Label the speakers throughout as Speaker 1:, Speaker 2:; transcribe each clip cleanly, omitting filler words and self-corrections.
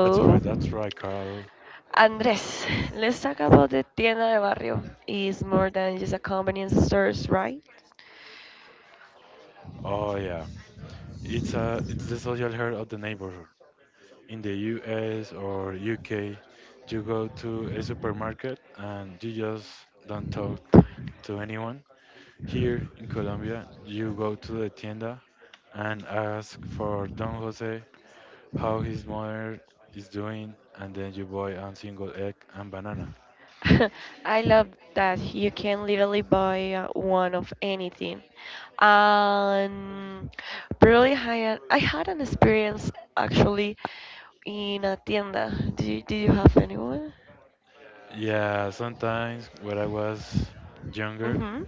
Speaker 1: That's right, Carol.
Speaker 2: Andres, let's talk about the tienda de barrio. It's more than just a convenience stores, right?
Speaker 1: Oh yeah, it's the social herd of the neighborhood. In the US or UK, you go to a supermarket and you just don't talk to anyone. Here in Colombia, you go to the tienda and ask for Don Jose how his mother is doing, and then you buy a single egg and banana.
Speaker 2: I love that you can literally buy one of anything. Um, really, I had an experience actually in a tienda. Did you have anyone?
Speaker 1: Yeah, sometimes when I was younger,
Speaker 2: Mm-hmm.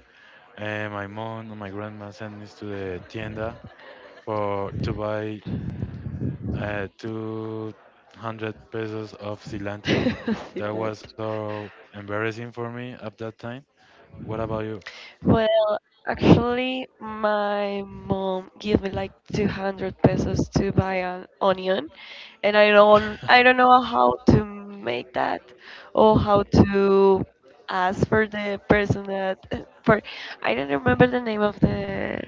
Speaker 1: my mom or my grandma sent me to the tienda for to buy 200 pesos of cilantro. That was so embarrassing for me at that time. What about you?
Speaker 2: Well, actually, my mom gave me like 200 pesos to buy an onion, and I don't I don't know how to make that or how to ask for the person that for I don't remember the name of the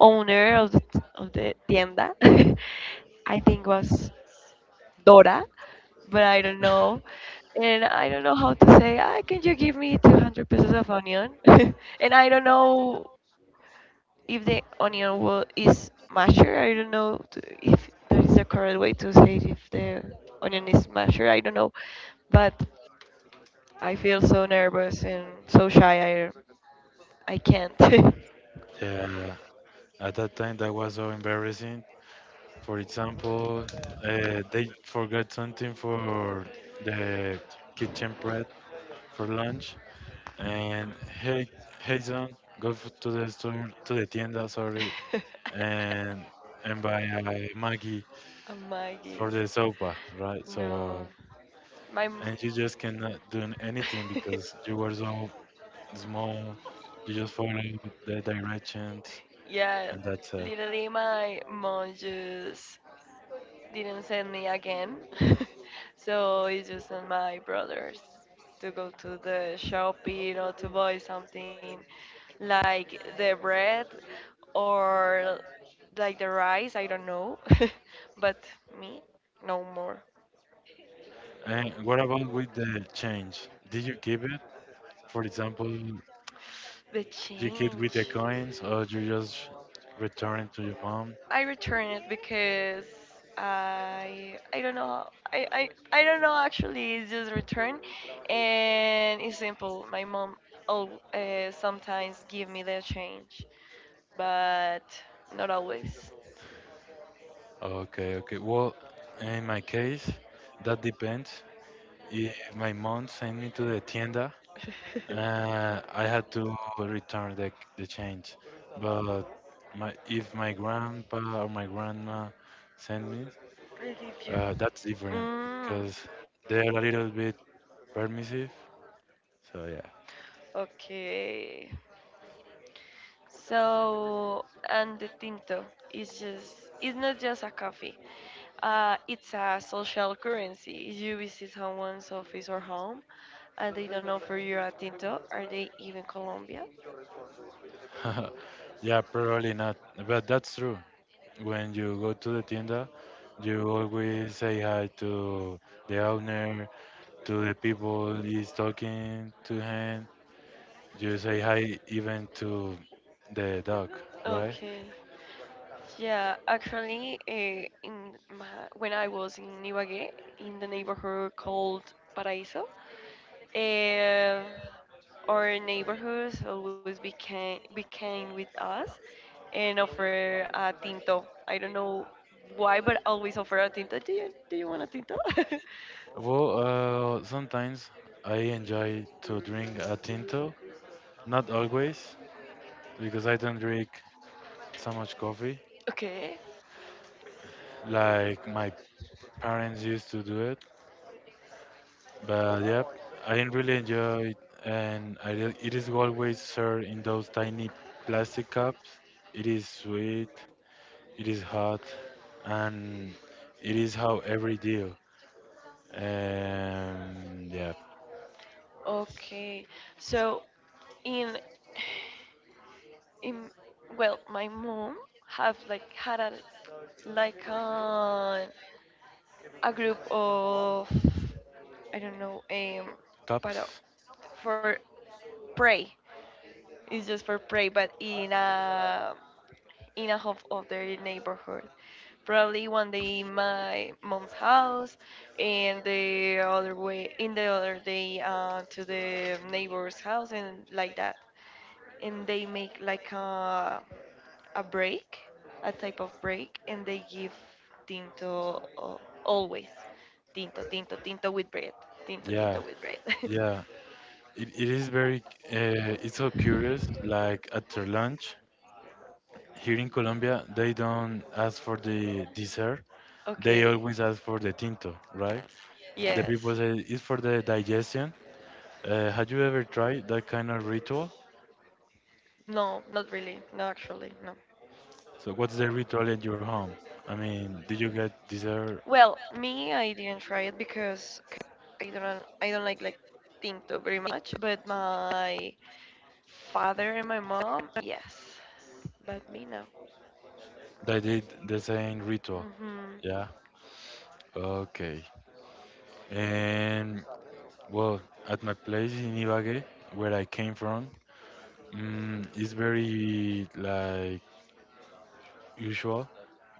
Speaker 2: owner of the tienda. I think was Dora, but I don't know. And I don't know how to say, ah, can you give me 200 pesos of onion? And I don't know if the onion will, is masher. I don't know if there is a correct way to say it, if the onion is masher. I don't know. But I feel so nervous and so shy. I can't.
Speaker 1: Yeah, at that time that was so embarrassing. For example, they forgot something for the kitchen prep for lunch, and hey son, to the store, to the tienda, sorry, and and buy a Maggi
Speaker 2: A
Speaker 1: for
Speaker 2: Maggie.
Speaker 1: the sopa, right? So
Speaker 2: No. My.
Speaker 1: and
Speaker 2: m-
Speaker 1: you just cannot do anything because you were so small. You just follow the directions,
Speaker 2: Yeah,
Speaker 1: and that's it.
Speaker 2: literally my mom just didn't send me again. So it's just on my brothers to go to the shopping or to buy something like the bread or like the rice, I don't know. But me, no more.
Speaker 1: And what about with the change? Did you keep it? For example, you
Speaker 2: The
Speaker 1: keep with the
Speaker 2: change.
Speaker 1: coins, or you just return it to your mom?
Speaker 2: I return it because I don't know actually it's just return and it's simple my mom sometimes give me the change but not always.
Speaker 1: Okay, okay. Well, in my case, that depends. If my mom sent me to the tienda, I had to return the change, but my if my grandpa or my grandma send me,
Speaker 2: I leave you
Speaker 1: that's different
Speaker 2: mm,
Speaker 1: because they're a little bit permissive. So
Speaker 2: okay. So, and the tinto is just, it's not just a coffee. It's a social currency. If you visit someone's office or home and they don't offer you a tinto, are they even Colombian?
Speaker 1: yeah, yeah, probably not. But that's true. When you go to the tienda, you always say hi to the owner, to the people he's talking to him. You say hi even to the dog, right?
Speaker 2: Okay. Yeah, actually, in my, when I was in Ibagué, in the neighborhood called Paraíso, uh, our neighborhoods always became with us and offer a tinto. I don't know why, but always offer a tinto. Do you want a tinto?
Speaker 1: Well, sometimes I enjoy to drink a tinto. Not always, because I don't drink so much coffee
Speaker 2: Okay,
Speaker 1: like my parents used to do it. But yeah, I really enjoy it, and it is always served in those tiny plastic cups. It is sweet, it is hot, and it is how every deal. Yeah,
Speaker 2: okay. So in in well, my mom have like had a like a a group of I don't know but
Speaker 1: cups.
Speaker 2: for pray. It's just for pray, but in a half of their neighborhood. Probably one day in my mom's house, and the other way in the other day to the neighbor's house, and like that. And they make like a break, a type of break, and they give tinto always, tinto, tinto, tinto with bread, tinto,
Speaker 1: Yeah,
Speaker 2: tinto with bread.
Speaker 1: yeah. It is very, it's so curious. Like after lunch here in Colombia, they don't ask for the dessert. They
Speaker 2: Okay,
Speaker 1: always ask for the tinto, right? The
Speaker 2: yes,
Speaker 1: people say it's for the digestion. Have you ever tried that kind of ritual?
Speaker 2: no, not really, no, actually, no.
Speaker 1: So what's the ritual at your home? I mean, did you get dessert?
Speaker 2: Well, me, I didn't try it because I don't like Tinto very much, but my father and my mom, yes. But me, no.
Speaker 1: They did the same ritual.
Speaker 2: Hmm.
Speaker 1: Yeah. Okay. And well, at my place in Ibagué, where I came from, it's very like usual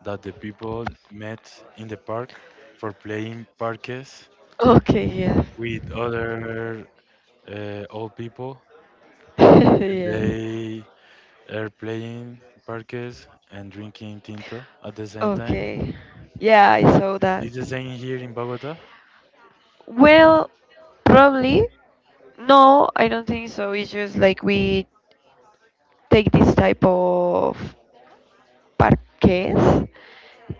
Speaker 1: that the people met in the park for playing parques
Speaker 2: Okay, yes.
Speaker 1: with other old people. And
Speaker 2: Yeah.
Speaker 1: they are playing parques and drinking tinto at the same time.
Speaker 2: Okay. Yeah, I saw that.
Speaker 1: It's the same here in Bogota.
Speaker 2: Well, probably. No, I don't think so. It's just like we take this type of parques,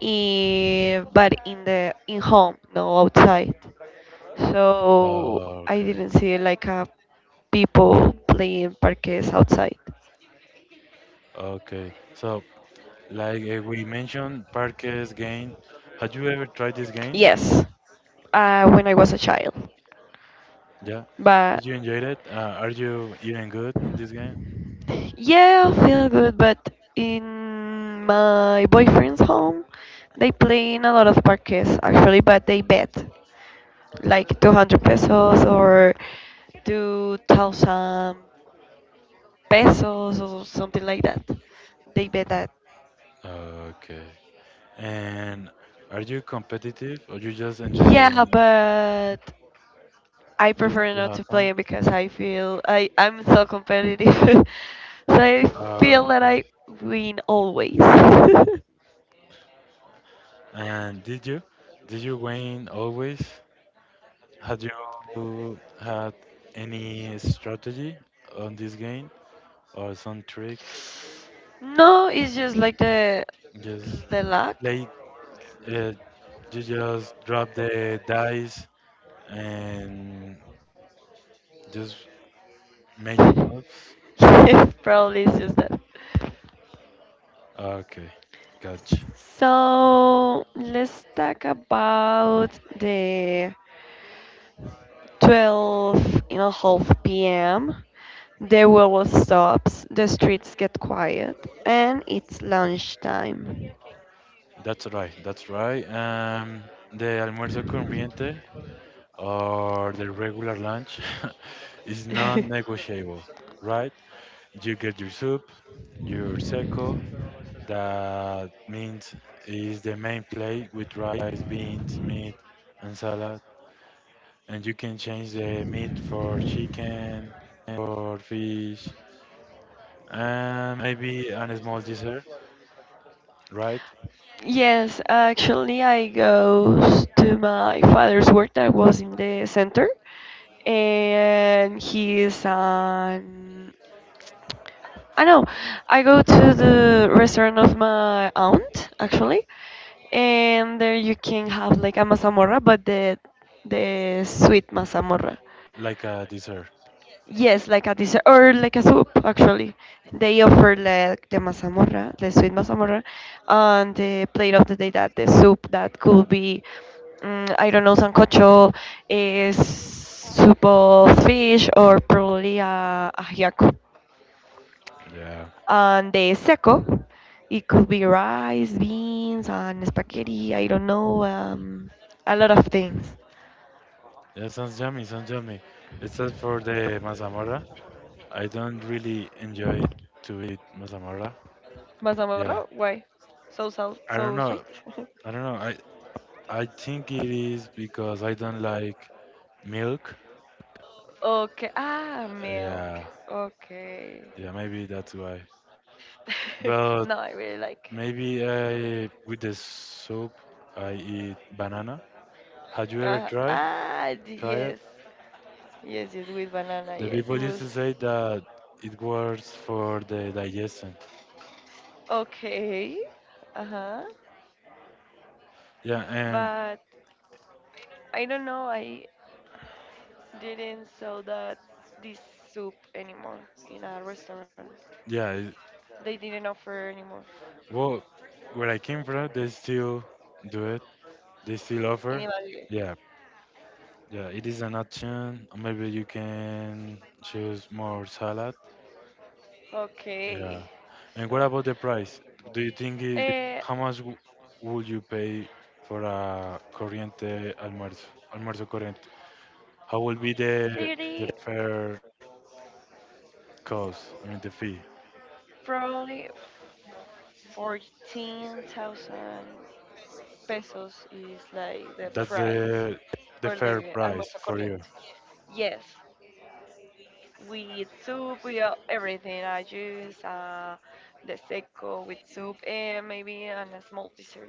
Speaker 2: but in the in home, no outside. So
Speaker 1: Oh,
Speaker 2: I
Speaker 1: okay.
Speaker 2: didn't see like a people playing parques outside.
Speaker 1: Okay. So, like we mentioned, parques game. Had you ever tried this game?
Speaker 2: Yes, when I was a child.
Speaker 1: Yeah.
Speaker 2: But
Speaker 1: Did you enjoy it? Are you even good on this game?
Speaker 2: yeah, I feel good. But in my boyfriend's home, they play in a lot of parques actually, but they bet like 200 pesos or 2000 pesos or something like that. They bet that.
Speaker 1: Okay. And are you competitive or you just enjoy the
Speaker 2: Yeah,
Speaker 1: game?
Speaker 2: but I
Speaker 1: Just to
Speaker 2: prefer
Speaker 1: have
Speaker 2: not to
Speaker 1: fun?
Speaker 2: play it because I feel I'm so competitive, so I feel that
Speaker 1: Okay.
Speaker 2: I win always. No,
Speaker 1: And did you? Did you win always? Had you had any strategy on this game or some trick?
Speaker 2: it's just like
Speaker 1: Just
Speaker 2: the luck.
Speaker 1: play, uh, you just drop the dice and just make your moves?
Speaker 2: Yes, probably it's just that.
Speaker 1: Okay, gotcha.
Speaker 2: So let's talk about the 12 and a half p.m. The world stops, the streets get quiet, and it's lunchtime.
Speaker 1: That's right, that's right. The almuerzo con corriente or the regular lunch is non-negotiable, right? You get your soup, your seco, that means is the main plate with rice, beans, meat, and salad, and you can change the meat for chicken, for fish, and maybe a small dessert, right?
Speaker 2: Yes, actually, I go to my father's work that was in the center, and he is an I know. I go to the restaurant of my aunt actually, and there you can have like a mazamorra, but the sweet mazamorra.
Speaker 1: Like a dessert.
Speaker 2: Yes, like a dessert or like a soup actually. They offer like the mazamorra, the sweet mazamorra, and the plate of the day that the soup that could be, I don't know, sancocho, is soup of fish or probably a ajiaco.
Speaker 1: Yeah,
Speaker 2: And the seco, it could be rice, beans, and spaghetti. I don't know, a lot of things.
Speaker 1: yeah, sounds yummy, sounds yummy. It's as for the mazamorra. I don't really enjoy to eat mazamorra.
Speaker 2: Mazamorra?
Speaker 1: Yeah,
Speaker 2: Why? So salt,
Speaker 1: I
Speaker 2: so
Speaker 1: don't
Speaker 2: sweet?
Speaker 1: know. I don't know. I think it is because I don't like milk.
Speaker 2: Okay. Ah, milk.
Speaker 1: Yeah,
Speaker 2: Okay.
Speaker 1: yeah, maybe that's why. But
Speaker 2: No, I really like.
Speaker 1: maybe I with the soup I eat banana. Had you ever tried try it?
Speaker 2: Yes. Yes, yes, with banana.
Speaker 1: The
Speaker 2: Yes, it
Speaker 1: people used
Speaker 2: was
Speaker 1: to say that it works for the digestion.
Speaker 2: okay. Uh huh.
Speaker 1: Yeah, and
Speaker 2: But I don't know. I didn't sell that this soup anymore in a restaurant.
Speaker 1: yeah,
Speaker 2: They didn't offer anymore.
Speaker 1: well, where I came from, they still do it. They still
Speaker 2: In
Speaker 1: offer.
Speaker 2: Ibagué.
Speaker 1: Yeah, yeah, it is an option. Maybe you can choose more salad. Yeah.
Speaker 2: Okay,
Speaker 1: And what
Speaker 2: so
Speaker 1: about the price? Do you think it, How
Speaker 2: uh,
Speaker 1: much would you pay for a corriente almuerzo? Almuerzo corriente. How will be the
Speaker 2: 30,
Speaker 1: fair cost? I mean the fee.
Speaker 2: probably 14,000 pesos is like the
Speaker 1: That's
Speaker 2: price
Speaker 1: the
Speaker 2: for the
Speaker 1: fair price
Speaker 2: almuerzo
Speaker 1: for you.
Speaker 2: corriente. Yes, we eat soup, we all, everything, a juice, the seco with soup, and maybe and a small dessert,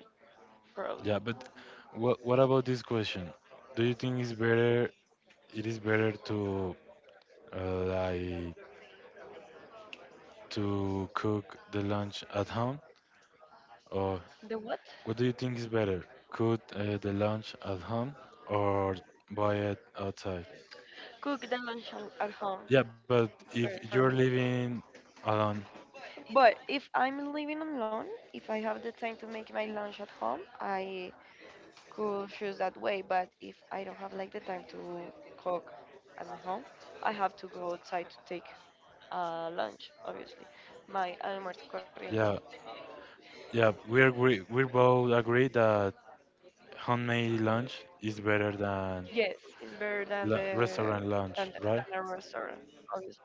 Speaker 2: probably.
Speaker 1: Yeah, but what about this question? Do you think it's better? It is better to like to cook the lunch at home? Or
Speaker 2: The what?
Speaker 1: what do you think is better? Cook the lunch at home or buy it outside?
Speaker 2: Cook the lunch at home.
Speaker 1: Yeah, but
Speaker 2: It's better
Speaker 1: if
Speaker 2: for
Speaker 1: you're
Speaker 2: me.
Speaker 1: living alone,
Speaker 2: But if I'm living alone, if I have the time to make my lunch at home, I could choose that way. But if I don't have like the time to cook at my home, I have to go outside to take lunch, obviously. My almuerzo corriente.
Speaker 1: yeah, yeah, we agree, we both agree that homemade lunch is better than
Speaker 2: Yes, it's better than the
Speaker 1: restaurant lunch, right?
Speaker 2: than a restaurant, obviously.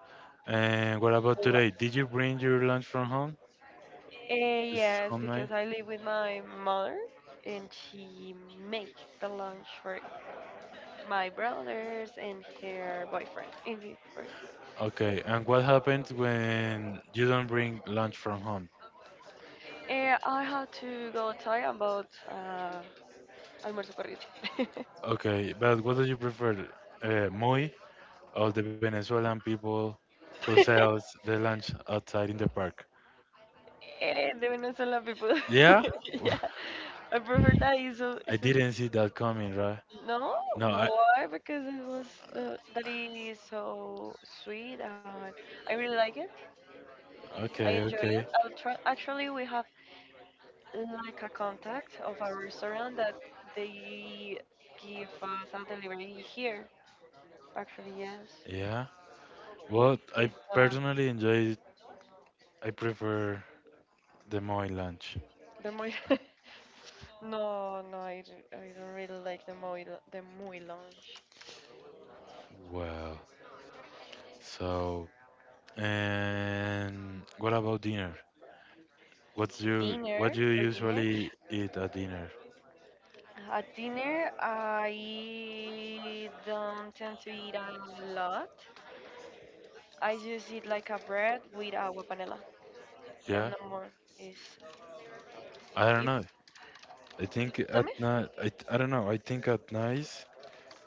Speaker 1: And what
Speaker 2: Or
Speaker 1: about
Speaker 2: Like,
Speaker 1: today? Did you bring your lunch from home? It's
Speaker 2: yes, because
Speaker 1: homemade?
Speaker 2: I live with my mother and she make the lunch for my brothers and her boyfriend. And the boyfriend.
Speaker 1: Okay, and what happens when you don't bring lunch from home?
Speaker 2: Eh, I had to go tell about almuerzo corriente.
Speaker 1: Okay, but what do you prefer, Moi or the Venezuelan people who sells the lunch outside in the park?
Speaker 2: Eh, the Venezuelan people.
Speaker 1: Yeah,
Speaker 2: Yeah, I prefer that. Is a, is
Speaker 1: I
Speaker 2: a,
Speaker 1: didn't see that coming, right?
Speaker 2: no,
Speaker 1: No, I.
Speaker 2: why? Because it was the, that is so sweet. And I really like it. I
Speaker 1: Okay,
Speaker 2: enjoy
Speaker 1: okay,
Speaker 2: it. I'll try. Actually, we have like a contact of a restaurant that they give us a delivery here. Actually, yes.
Speaker 1: yeah. Well, I
Speaker 2: It's
Speaker 1: personally enjoy. I prefer the Moi lunch.
Speaker 2: the muy. No, no, I don't really like the muy lunch.
Speaker 1: Wow. So, and what about dinner? What's you
Speaker 2: Dinner
Speaker 1: what you
Speaker 2: for dinner.
Speaker 1: usually eat at dinner?
Speaker 2: At dinner, I don't tend to eat a lot. I just eat like a bread with agua panela and
Speaker 1: Yeah,
Speaker 2: no more. Is
Speaker 1: I don't
Speaker 2: if
Speaker 1: know. I think
Speaker 2: tell me?
Speaker 1: at night, I don't know, I think at night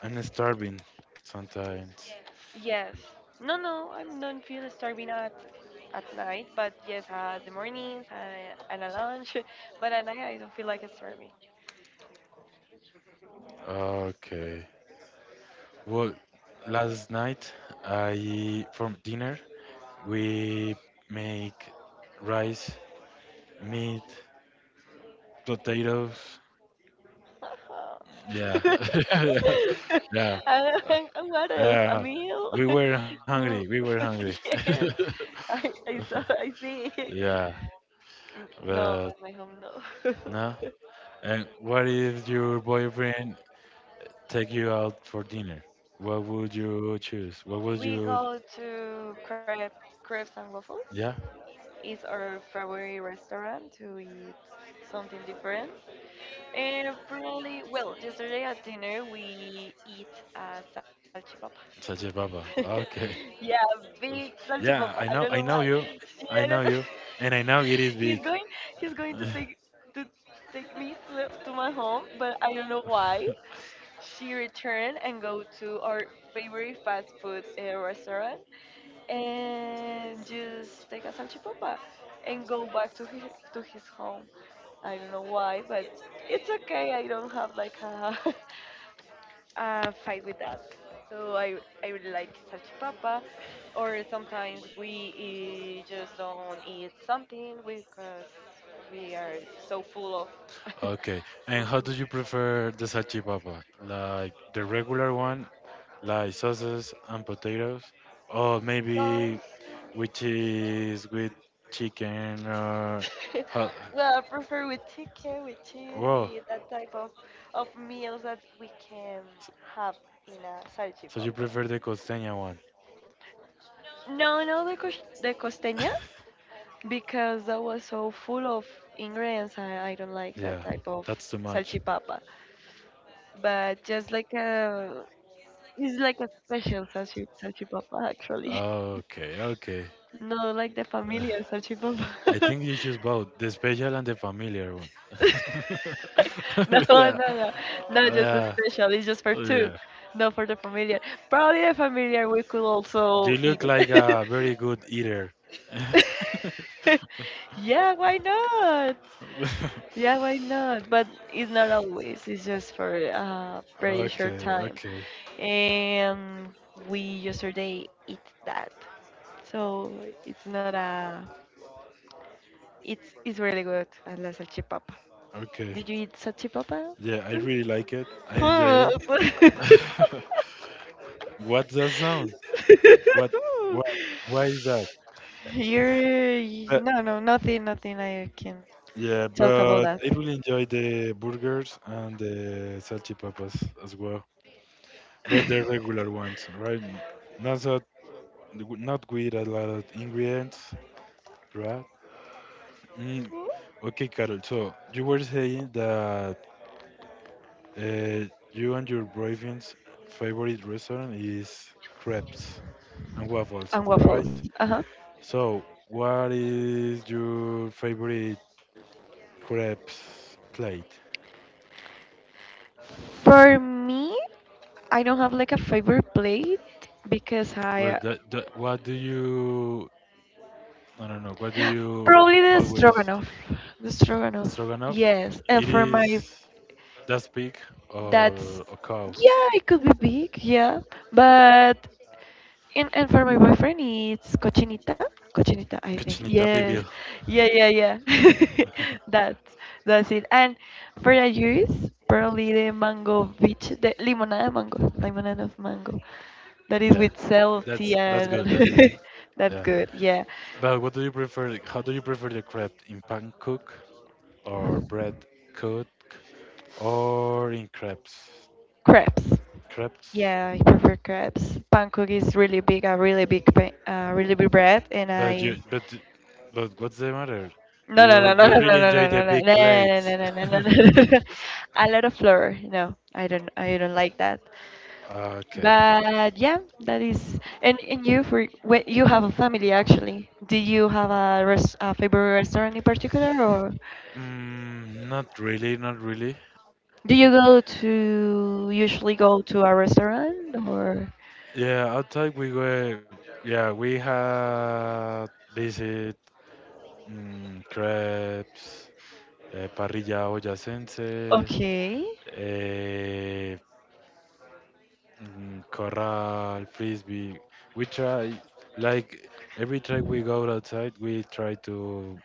Speaker 1: I'm starving sometimes.
Speaker 2: Yes. No, no, I don't feel starving at night, but yes, at the mornings and at lunch. But at night, I don't feel like starving.
Speaker 1: Okay. Well, last night for dinner, we make rice, meat, potatoes.
Speaker 2: Oh.
Speaker 1: Yeah. yeah.
Speaker 2: and,
Speaker 1: Yeah.
Speaker 2: and what else? A
Speaker 1: Yeah.
Speaker 2: meal?
Speaker 1: We were hungry. We
Speaker 2: Who-
Speaker 1: were hungry.
Speaker 2: yes, I saw, I see.
Speaker 1: Yeah,
Speaker 2: No,
Speaker 1: but
Speaker 2: at my home, no.
Speaker 1: no. And what is your boyfriend take you out for dinner, what would you choose? What would
Speaker 2: We
Speaker 1: you?
Speaker 2: go to crepe, crepes and waffles.
Speaker 1: Yeah,
Speaker 2: It's our favorite restaurant to eat something different. And probably, well, yesterday at dinner we eat a salchipapa.
Speaker 1: Sache Baba. Okay.
Speaker 2: Yeah, big
Speaker 1: Oof.
Speaker 2: salchipapa. I
Speaker 1: Yeah,
Speaker 2: don't
Speaker 1: I
Speaker 2: know
Speaker 1: know.
Speaker 2: why.
Speaker 1: I know you.
Speaker 2: Yeah, I don't know.
Speaker 1: I know you, and I know it
Speaker 2: he's
Speaker 1: is
Speaker 2: going
Speaker 1: big.
Speaker 2: he's going to take me to the, to my home, but I don't know why. She returned and go to our favorite fast food restaurant and just take a salchipapa and go back to his home. I don't know why, but it's okay. I don't have like a fight with that. So I really like salchipapa, or sometimes we just don't eat something because we are so full of
Speaker 1: Okay. And
Speaker 2: of
Speaker 1: how do you prefer the salchipapa? Like the regular one, like sauces and potatoes, or maybe
Speaker 2: sauce.
Speaker 1: with cheese, with chicken, or how,
Speaker 2: Well, I prefer with chicken, with cheese,
Speaker 1: well,
Speaker 2: with that type of meals that we can have in a
Speaker 1: so you
Speaker 2: salchipapa.
Speaker 1: prefer the costeña one?
Speaker 2: No, no, the costeña. Because that was so full of ingredients. I don't like that
Speaker 1: Yeah,
Speaker 2: type of
Speaker 1: that's too much.
Speaker 2: salchipapa. But just like a, it's like a special salchipapa actually.
Speaker 1: Okay, okay.
Speaker 2: No, like the familiar salchipapa.
Speaker 1: I think you choose both the special and the familiar one.
Speaker 2: No, no,
Speaker 1: Yeah,
Speaker 2: no, not just the
Speaker 1: yeah,
Speaker 2: special. It's just for two,
Speaker 1: yeah.
Speaker 2: not for the familiar. Probably the familiar we could also
Speaker 1: You
Speaker 2: eat
Speaker 1: look like
Speaker 2: it.
Speaker 1: a very good eater.
Speaker 2: Yeah, why not? Yeah, why not? But it's not always. It's just for a very short
Speaker 1: Okay,
Speaker 2: time.
Speaker 1: okay,
Speaker 2: And we yesterday eat that. So it's not a. It's really good. I love salchipapa.
Speaker 1: okay.
Speaker 2: Did you eat salchipapa?
Speaker 1: Yeah, I really like it. I enjoyed
Speaker 2: Huh.
Speaker 1: it. What's that sound? What? What? Why is that?
Speaker 2: You're no nothing nothing I can
Speaker 1: Yeah,
Speaker 2: talk about
Speaker 1: but
Speaker 2: that.
Speaker 1: I really enjoy the burgers and the salchipapas as well. But the regular ones, right? Not that, not with a lot of ingredients, right? Mm, okay, Carol. So you were saying that you and your boyfriend's favorite restaurant is crepes and waffles,
Speaker 2: And
Speaker 1: right?
Speaker 2: waffles. Uh huh.
Speaker 1: So what is your favorite crepes plate?
Speaker 2: For me. I don't have like a favorite plate because
Speaker 1: Well,
Speaker 2: I
Speaker 1: that, that, what do you I don't know. What do you
Speaker 2: probably the
Speaker 1: always
Speaker 2: stroganoff. The stroganoff.
Speaker 1: stroganoff?
Speaker 2: Yes, and
Speaker 1: It
Speaker 2: for
Speaker 1: is
Speaker 2: my
Speaker 1: that pig
Speaker 2: that's
Speaker 1: or a cow.
Speaker 2: yeah, it could be big, yeah. But and for my boyfriend it's cochinita. Cochinita, I think.
Speaker 1: Cochinita
Speaker 2: Yes.
Speaker 1: pibil.
Speaker 2: Yeah. That that's it. And for the juice, probably the mango beach, the limonada mango, limonada of mango. That is
Speaker 1: Yeah,
Speaker 2: with salty
Speaker 1: that's
Speaker 2: and
Speaker 1: good. That's good.
Speaker 2: that's
Speaker 1: Yeah.
Speaker 2: good. Yeah.
Speaker 1: But what do you prefer? How do you prefer the crepe in pan cook or bread cook or in crepes?
Speaker 2: Crepes.
Speaker 1: Crepes.
Speaker 2: Yeah, I prefer crepes. Pancake is really big, a really big, really big bread, and
Speaker 1: But
Speaker 2: I
Speaker 1: you but but what's the matter?
Speaker 2: no no no
Speaker 1: You
Speaker 2: no
Speaker 1: you
Speaker 2: no no no
Speaker 1: really
Speaker 2: no
Speaker 1: enjoy the
Speaker 2: no no no
Speaker 1: big plate.
Speaker 2: no no no no no A lot of flour. No, I don't like that.
Speaker 1: Okay.
Speaker 2: But yeah, that is. And you for wait, you have a family actually. Do you have a favorite restaurant in particular, or
Speaker 1: Not really, not really.
Speaker 2: do you go to usually go to a restaurant, or?
Speaker 1: Yeah, outside we were. Yeah, we had visit crepes, parrilla boyacense,
Speaker 2: Okay,
Speaker 1: uh, corral, frisbee. We try like every track we go outside, we try to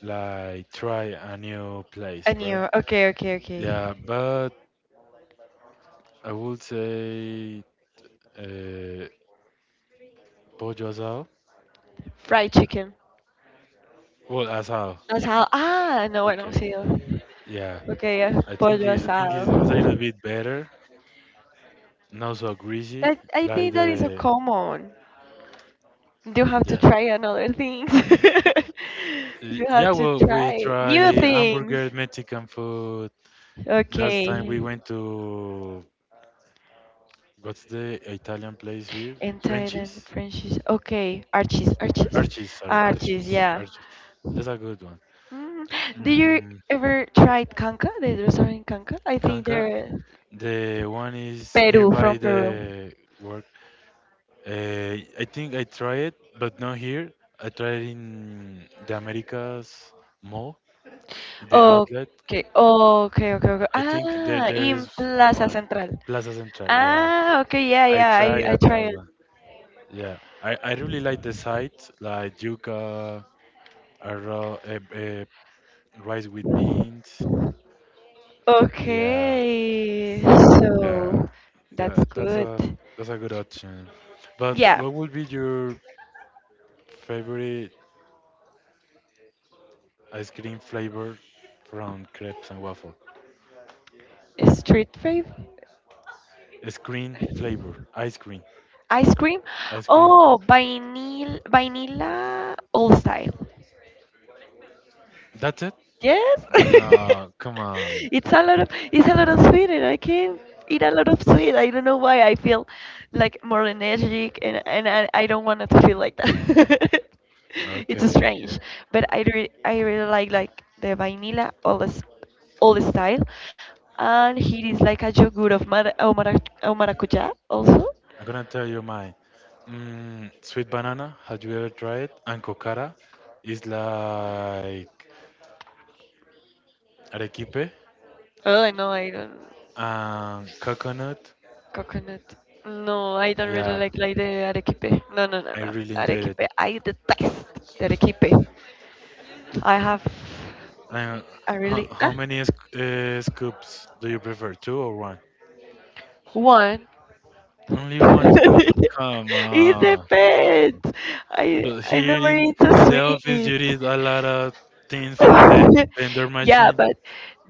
Speaker 1: like try a new place,
Speaker 2: a
Speaker 1: right?
Speaker 2: new. Okay, okay, okay.
Speaker 1: Yeah, but I would say uh, pollo asado.
Speaker 2: Fried chicken.
Speaker 1: Well, asado.
Speaker 2: Asado. Ah, no, bueno,
Speaker 1: Okay.
Speaker 2: sí.
Speaker 1: Yeah.
Speaker 2: Okay, yeah, pollo
Speaker 1: I think
Speaker 2: asado.
Speaker 1: it's a little bit better, not so greasy.
Speaker 2: I
Speaker 1: Like
Speaker 2: think that is a
Speaker 1: the
Speaker 2: common. You have to
Speaker 1: yeah
Speaker 2: try another things. You
Speaker 1: Yeah.
Speaker 2: have to
Speaker 1: Well, we
Speaker 2: try
Speaker 1: try
Speaker 2: new things.
Speaker 1: hamburger Mexican food last time we
Speaker 2: Okay.
Speaker 1: went to what's the Italian place here?
Speaker 2: In
Speaker 1: Frenchies,
Speaker 2: Thailand, French is okay. Archie's, Archie's,
Speaker 1: Archie's. Sorry,
Speaker 2: Archie's.
Speaker 1: Archie's.
Speaker 2: Yeah.
Speaker 1: Archie's. That's a good one.
Speaker 2: Mm. Did you
Speaker 1: Mm,
Speaker 2: ever try Kanka? The restaurant in Kanka? I think
Speaker 1: Kanka.
Speaker 2: they're
Speaker 1: The one is
Speaker 2: Peru
Speaker 1: nearby
Speaker 2: from Peru.
Speaker 1: the work. I think I tried it, but not here. I tried in the Americas mall the outlet,
Speaker 2: Okay, okay, okay, okay.
Speaker 1: I think there
Speaker 2: Ah,
Speaker 1: there is
Speaker 2: in Plaza
Speaker 1: one
Speaker 2: Central.
Speaker 1: Plaza Central. Yeah,
Speaker 2: Ah, okay, yeah,
Speaker 1: I
Speaker 2: yeah, I,
Speaker 1: try
Speaker 2: I
Speaker 1: at
Speaker 2: try
Speaker 1: that
Speaker 2: it.
Speaker 1: one. Yeah, I really like the site like yuca, arroz, rice with beans. Yeah,
Speaker 2: Okay,
Speaker 1: yeah,
Speaker 2: so
Speaker 1: yeah.
Speaker 2: that's
Speaker 1: That's
Speaker 2: good.
Speaker 1: a that's a good option. But
Speaker 2: Yeah,
Speaker 1: what would be your favorite ice cream flavor from crepes and waffle?
Speaker 2: street fave.
Speaker 1: Screen flavor, ice cream,
Speaker 2: Ice cream.
Speaker 1: ice cream.
Speaker 2: Oh, vanilla old style.
Speaker 1: That's it?
Speaker 2: Yes.
Speaker 1: No, come on.
Speaker 2: It's a lot of sweet, and I can eat a lot of sweet. I don't know why I feel like more energetic, and I don't want it to feel like that. It's
Speaker 1: Okay,
Speaker 2: strange.
Speaker 1: okay.
Speaker 2: But I really like the vanilla, all the style. And here is like a yogurt of maracuja also.
Speaker 1: I'm gonna tell you mine. Sweet banana, have you ever tried it? And cocara is like arequipe
Speaker 2: Oh, I know I don't.
Speaker 1: and coconut.
Speaker 2: Coconut. No, I don't really
Speaker 1: Yeah,
Speaker 2: like the arequipe. No, no, no,
Speaker 1: I
Speaker 2: no.
Speaker 1: really enjoyed it.
Speaker 2: Arequipe. I detest the arequipe. I have
Speaker 1: And
Speaker 2: I
Speaker 1: how,
Speaker 2: really
Speaker 1: how
Speaker 2: ah,
Speaker 1: many scoops do you prefer, two or one?
Speaker 2: One.
Speaker 1: Only one scoop? Come
Speaker 2: It
Speaker 1: on.
Speaker 2: depends. I
Speaker 1: But
Speaker 2: I
Speaker 1: here
Speaker 2: never
Speaker 1: in,
Speaker 2: eat the
Speaker 1: in the office,
Speaker 2: sweet.
Speaker 1: you read a lot of things from the vendor
Speaker 2: Yeah,
Speaker 1: machine.
Speaker 2: but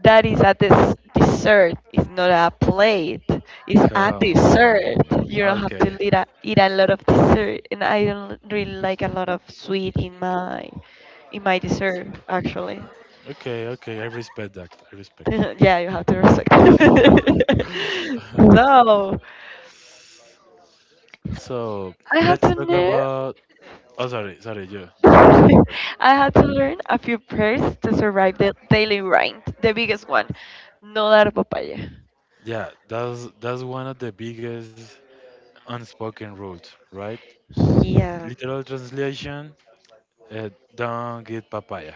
Speaker 2: that is a dessert. It's not a plate. It's a
Speaker 1: Come
Speaker 2: dessert.
Speaker 1: on.
Speaker 2: You don't have to
Speaker 1: Okay.
Speaker 2: eat a lot of dessert, and I don't really like a lot of sweet in my dessert actually.
Speaker 1: Okay, okay. I respect that. I respect
Speaker 2: Yeah, you have to
Speaker 1: that.
Speaker 2: respect. So
Speaker 1: So
Speaker 2: I have to
Speaker 1: let's talk
Speaker 2: learn.
Speaker 1: about. Oh, sorry, sorry, you, you first, you first.
Speaker 2: I had to learn a few prayers to survive the daily grind, the biggest one, no dar papaya.
Speaker 1: Yeah, that's one of the biggest unspoken rules, right?
Speaker 2: Yeah.
Speaker 1: Literal translation: uh, don't get papaya.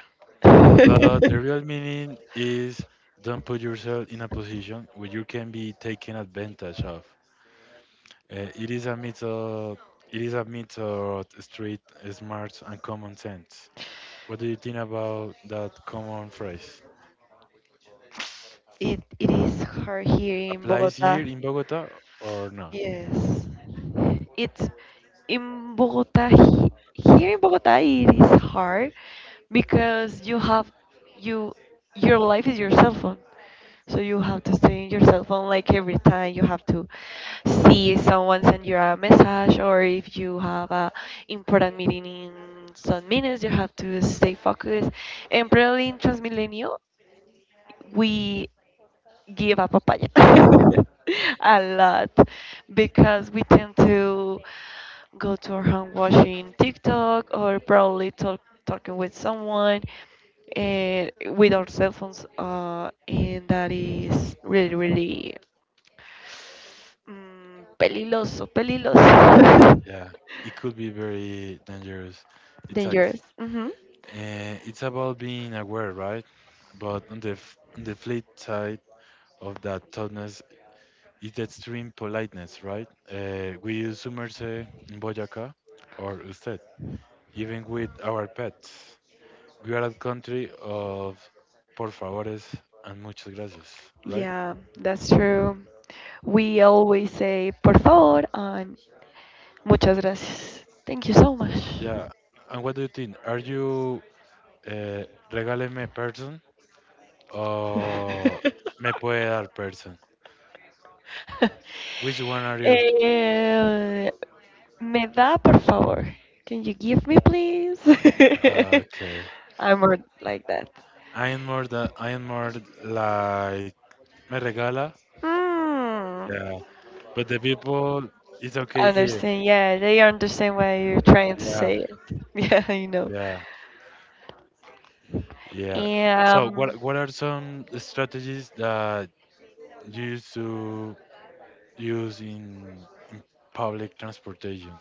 Speaker 1: But the real meaning is don't put yourself in a position where you can be taken advantage of. It is a mix of it is a mix of street smarts and common sense. What do you think about that common phrase?
Speaker 2: It is hard here in
Speaker 1: Applies here
Speaker 2: Bogota.
Speaker 1: in Bogota or not.
Speaker 2: Yes. It's in Bogota he- Here in Bogota it is hard, because you your life is your cell phone, so you have to stay in your cell phone, like every time you have to see someone send you a message, or if you have a important meeting in some minutes you have to stay focused. And probably in Transmilenio we give a papaya a lot, because we tend to go to our home watching TikTok, or probably talking with someone and with our cell phones, and that is really, really, peligroso, peligroso.
Speaker 1: Yeah, it could be very dangerous. Exactly.
Speaker 2: Dangerous. Hmm.
Speaker 1: It's about being aware, right? But on the on the flip side of that toughness is the extreme politeness, right? We use sumerse in Boyacá or usted, even with our pets. We are a country of por favores and muchas gracias, right?
Speaker 2: Yeah, that's true. We always say por favor and muchas gracias. Thank you so much.
Speaker 1: Yeah. And what do you think? Are you uh, regáleme person? Oh, me puede dar person. Which one are you?
Speaker 2: Eh, Me da, por favor. Can you give me, please?
Speaker 1: Okay.
Speaker 2: I'm more like that.
Speaker 1: I am more like me regala.
Speaker 2: Hmm.
Speaker 1: Yeah. But the people it's okay here.
Speaker 2: Understand. Yeah, they understand why you're trying to
Speaker 1: Yeah.
Speaker 2: say it. Yeah, I know.
Speaker 1: Yeah. Yeah. So
Speaker 2: Um,
Speaker 1: what are some strategies that you used to use in public transportation?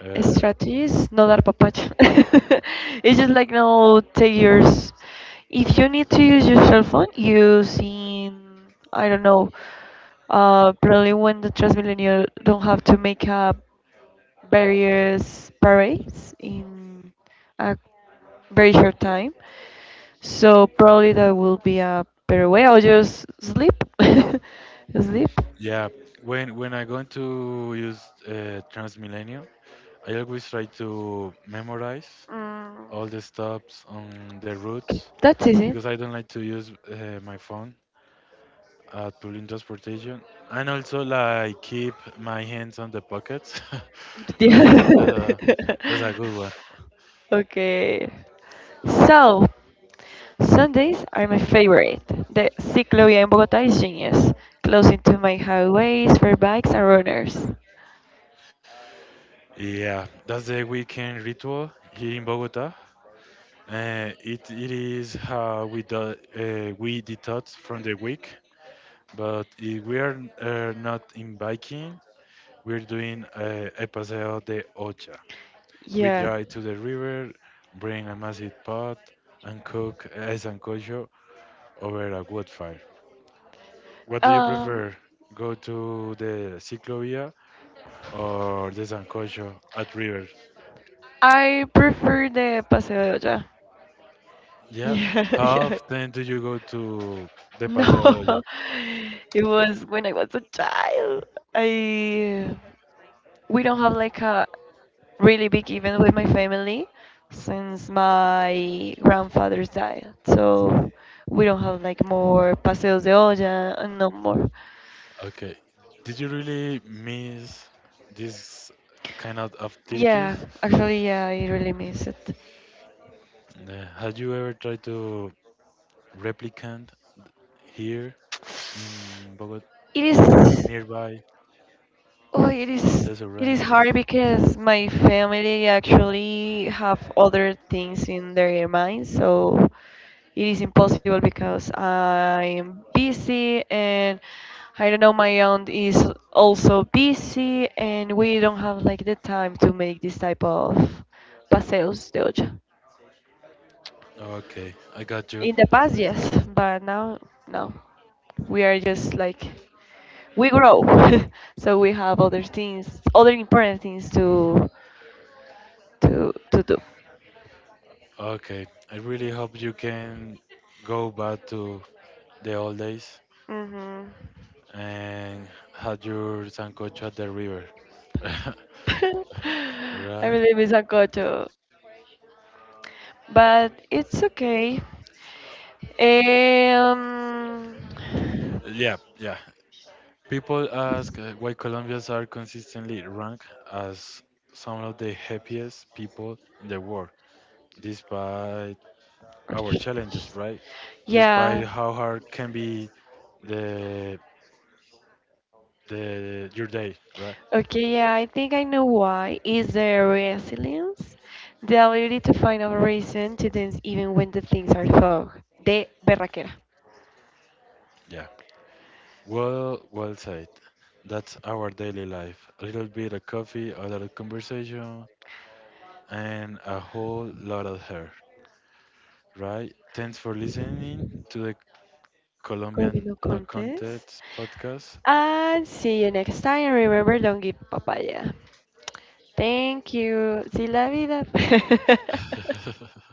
Speaker 1: Uh,
Speaker 2: Strategies no dar papacho. It's just like no take yours. If you need to use your cell phone using, I don't know, probably when the transmillennial don't have to make up various parades in a very short time, so probably that will be a better way, or just sleep. Sleep.
Speaker 1: yeah. When I going to use Transmilenio, I always try to memorize
Speaker 2: mm,
Speaker 1: all the stops on the routes
Speaker 2: that's
Speaker 1: because
Speaker 2: easy.
Speaker 1: I don't like to use my phone at public transportation, and also like keep my hands on the pockets. I think that's
Speaker 2: Yeah.
Speaker 1: a that's a good one.
Speaker 2: Okay. So, Sundays are my favorite. The ciclovia in Bogota is genius, closing to my highways for bikes and runners.
Speaker 1: Yeah, that's the weekend ritual here in Bogota. It is how we do, we detox from the week, but if we are not in biking, we're doing a paseo de ocho. We
Speaker 2: Yeah.
Speaker 1: drive to the river, bring a massive pot, and cook sancocho over a wood fire. What do you prefer?
Speaker 2: Um,
Speaker 1: Go to the ciclovia or the sancocho at river?
Speaker 2: I prefer the Paseo de Olla.
Speaker 1: Yeah.
Speaker 2: Yeah,
Speaker 1: How
Speaker 2: yeah.
Speaker 1: often do you go to the
Speaker 2: No,
Speaker 1: Paseo de Olla?
Speaker 2: it was when I was a child. I we don't have like a really big event with my family since my grandfather's died. So we don't have like more paseos de olla and no more.
Speaker 1: Okay. Did you really miss these kind of
Speaker 2: Yeah,
Speaker 1: activities?
Speaker 2: actually, yeah, I really miss it.
Speaker 1: Had you ever tried to replicate here in Bogota
Speaker 2: It
Speaker 1: or
Speaker 2: is.
Speaker 1: nearby?
Speaker 2: Oh, it
Speaker 1: Oh,
Speaker 2: is
Speaker 1: that's a
Speaker 2: it is
Speaker 1: ranges.
Speaker 2: hard because my family actually have other things in their mind, so it is impossible because I'm busy, and I don't know, my aunt is also busy, and we don't have like the time to make this type of paseos de olla.
Speaker 1: Okay, I got you.
Speaker 2: In the past, yes, but now no. We are just like, we grow so we have other important things to do.
Speaker 1: Okay, I really hope you can go back to the old days
Speaker 2: Hmm.
Speaker 1: and had your sancocho at the river.
Speaker 2: I
Speaker 1: Right?
Speaker 2: really miss sancocho, but it's okay. um
Speaker 1: Yeah, yeah. People ask why Colombians are consistently ranked as some of the happiest people in the world, despite
Speaker 2: or
Speaker 1: our
Speaker 2: should I
Speaker 1: challenges,
Speaker 2: just-
Speaker 1: right?
Speaker 2: Yeah.
Speaker 1: Despite how hard can be the the your day, right?
Speaker 2: Okay, yeah, I think I know why. Is there resilience, the ability to find a reason to dance even when the things are tough? De berraquera.
Speaker 1: Yeah. Well, well said. That's our daily life. A little bit of coffee, a little conversation, and a whole lot of hair, right? Thanks for listening to the Colombian
Speaker 2: Colmino
Speaker 1: No
Speaker 2: Contes.
Speaker 1: Contest podcast.
Speaker 2: And see you next time. And remember, don't give papaya. Thank you. See la vida.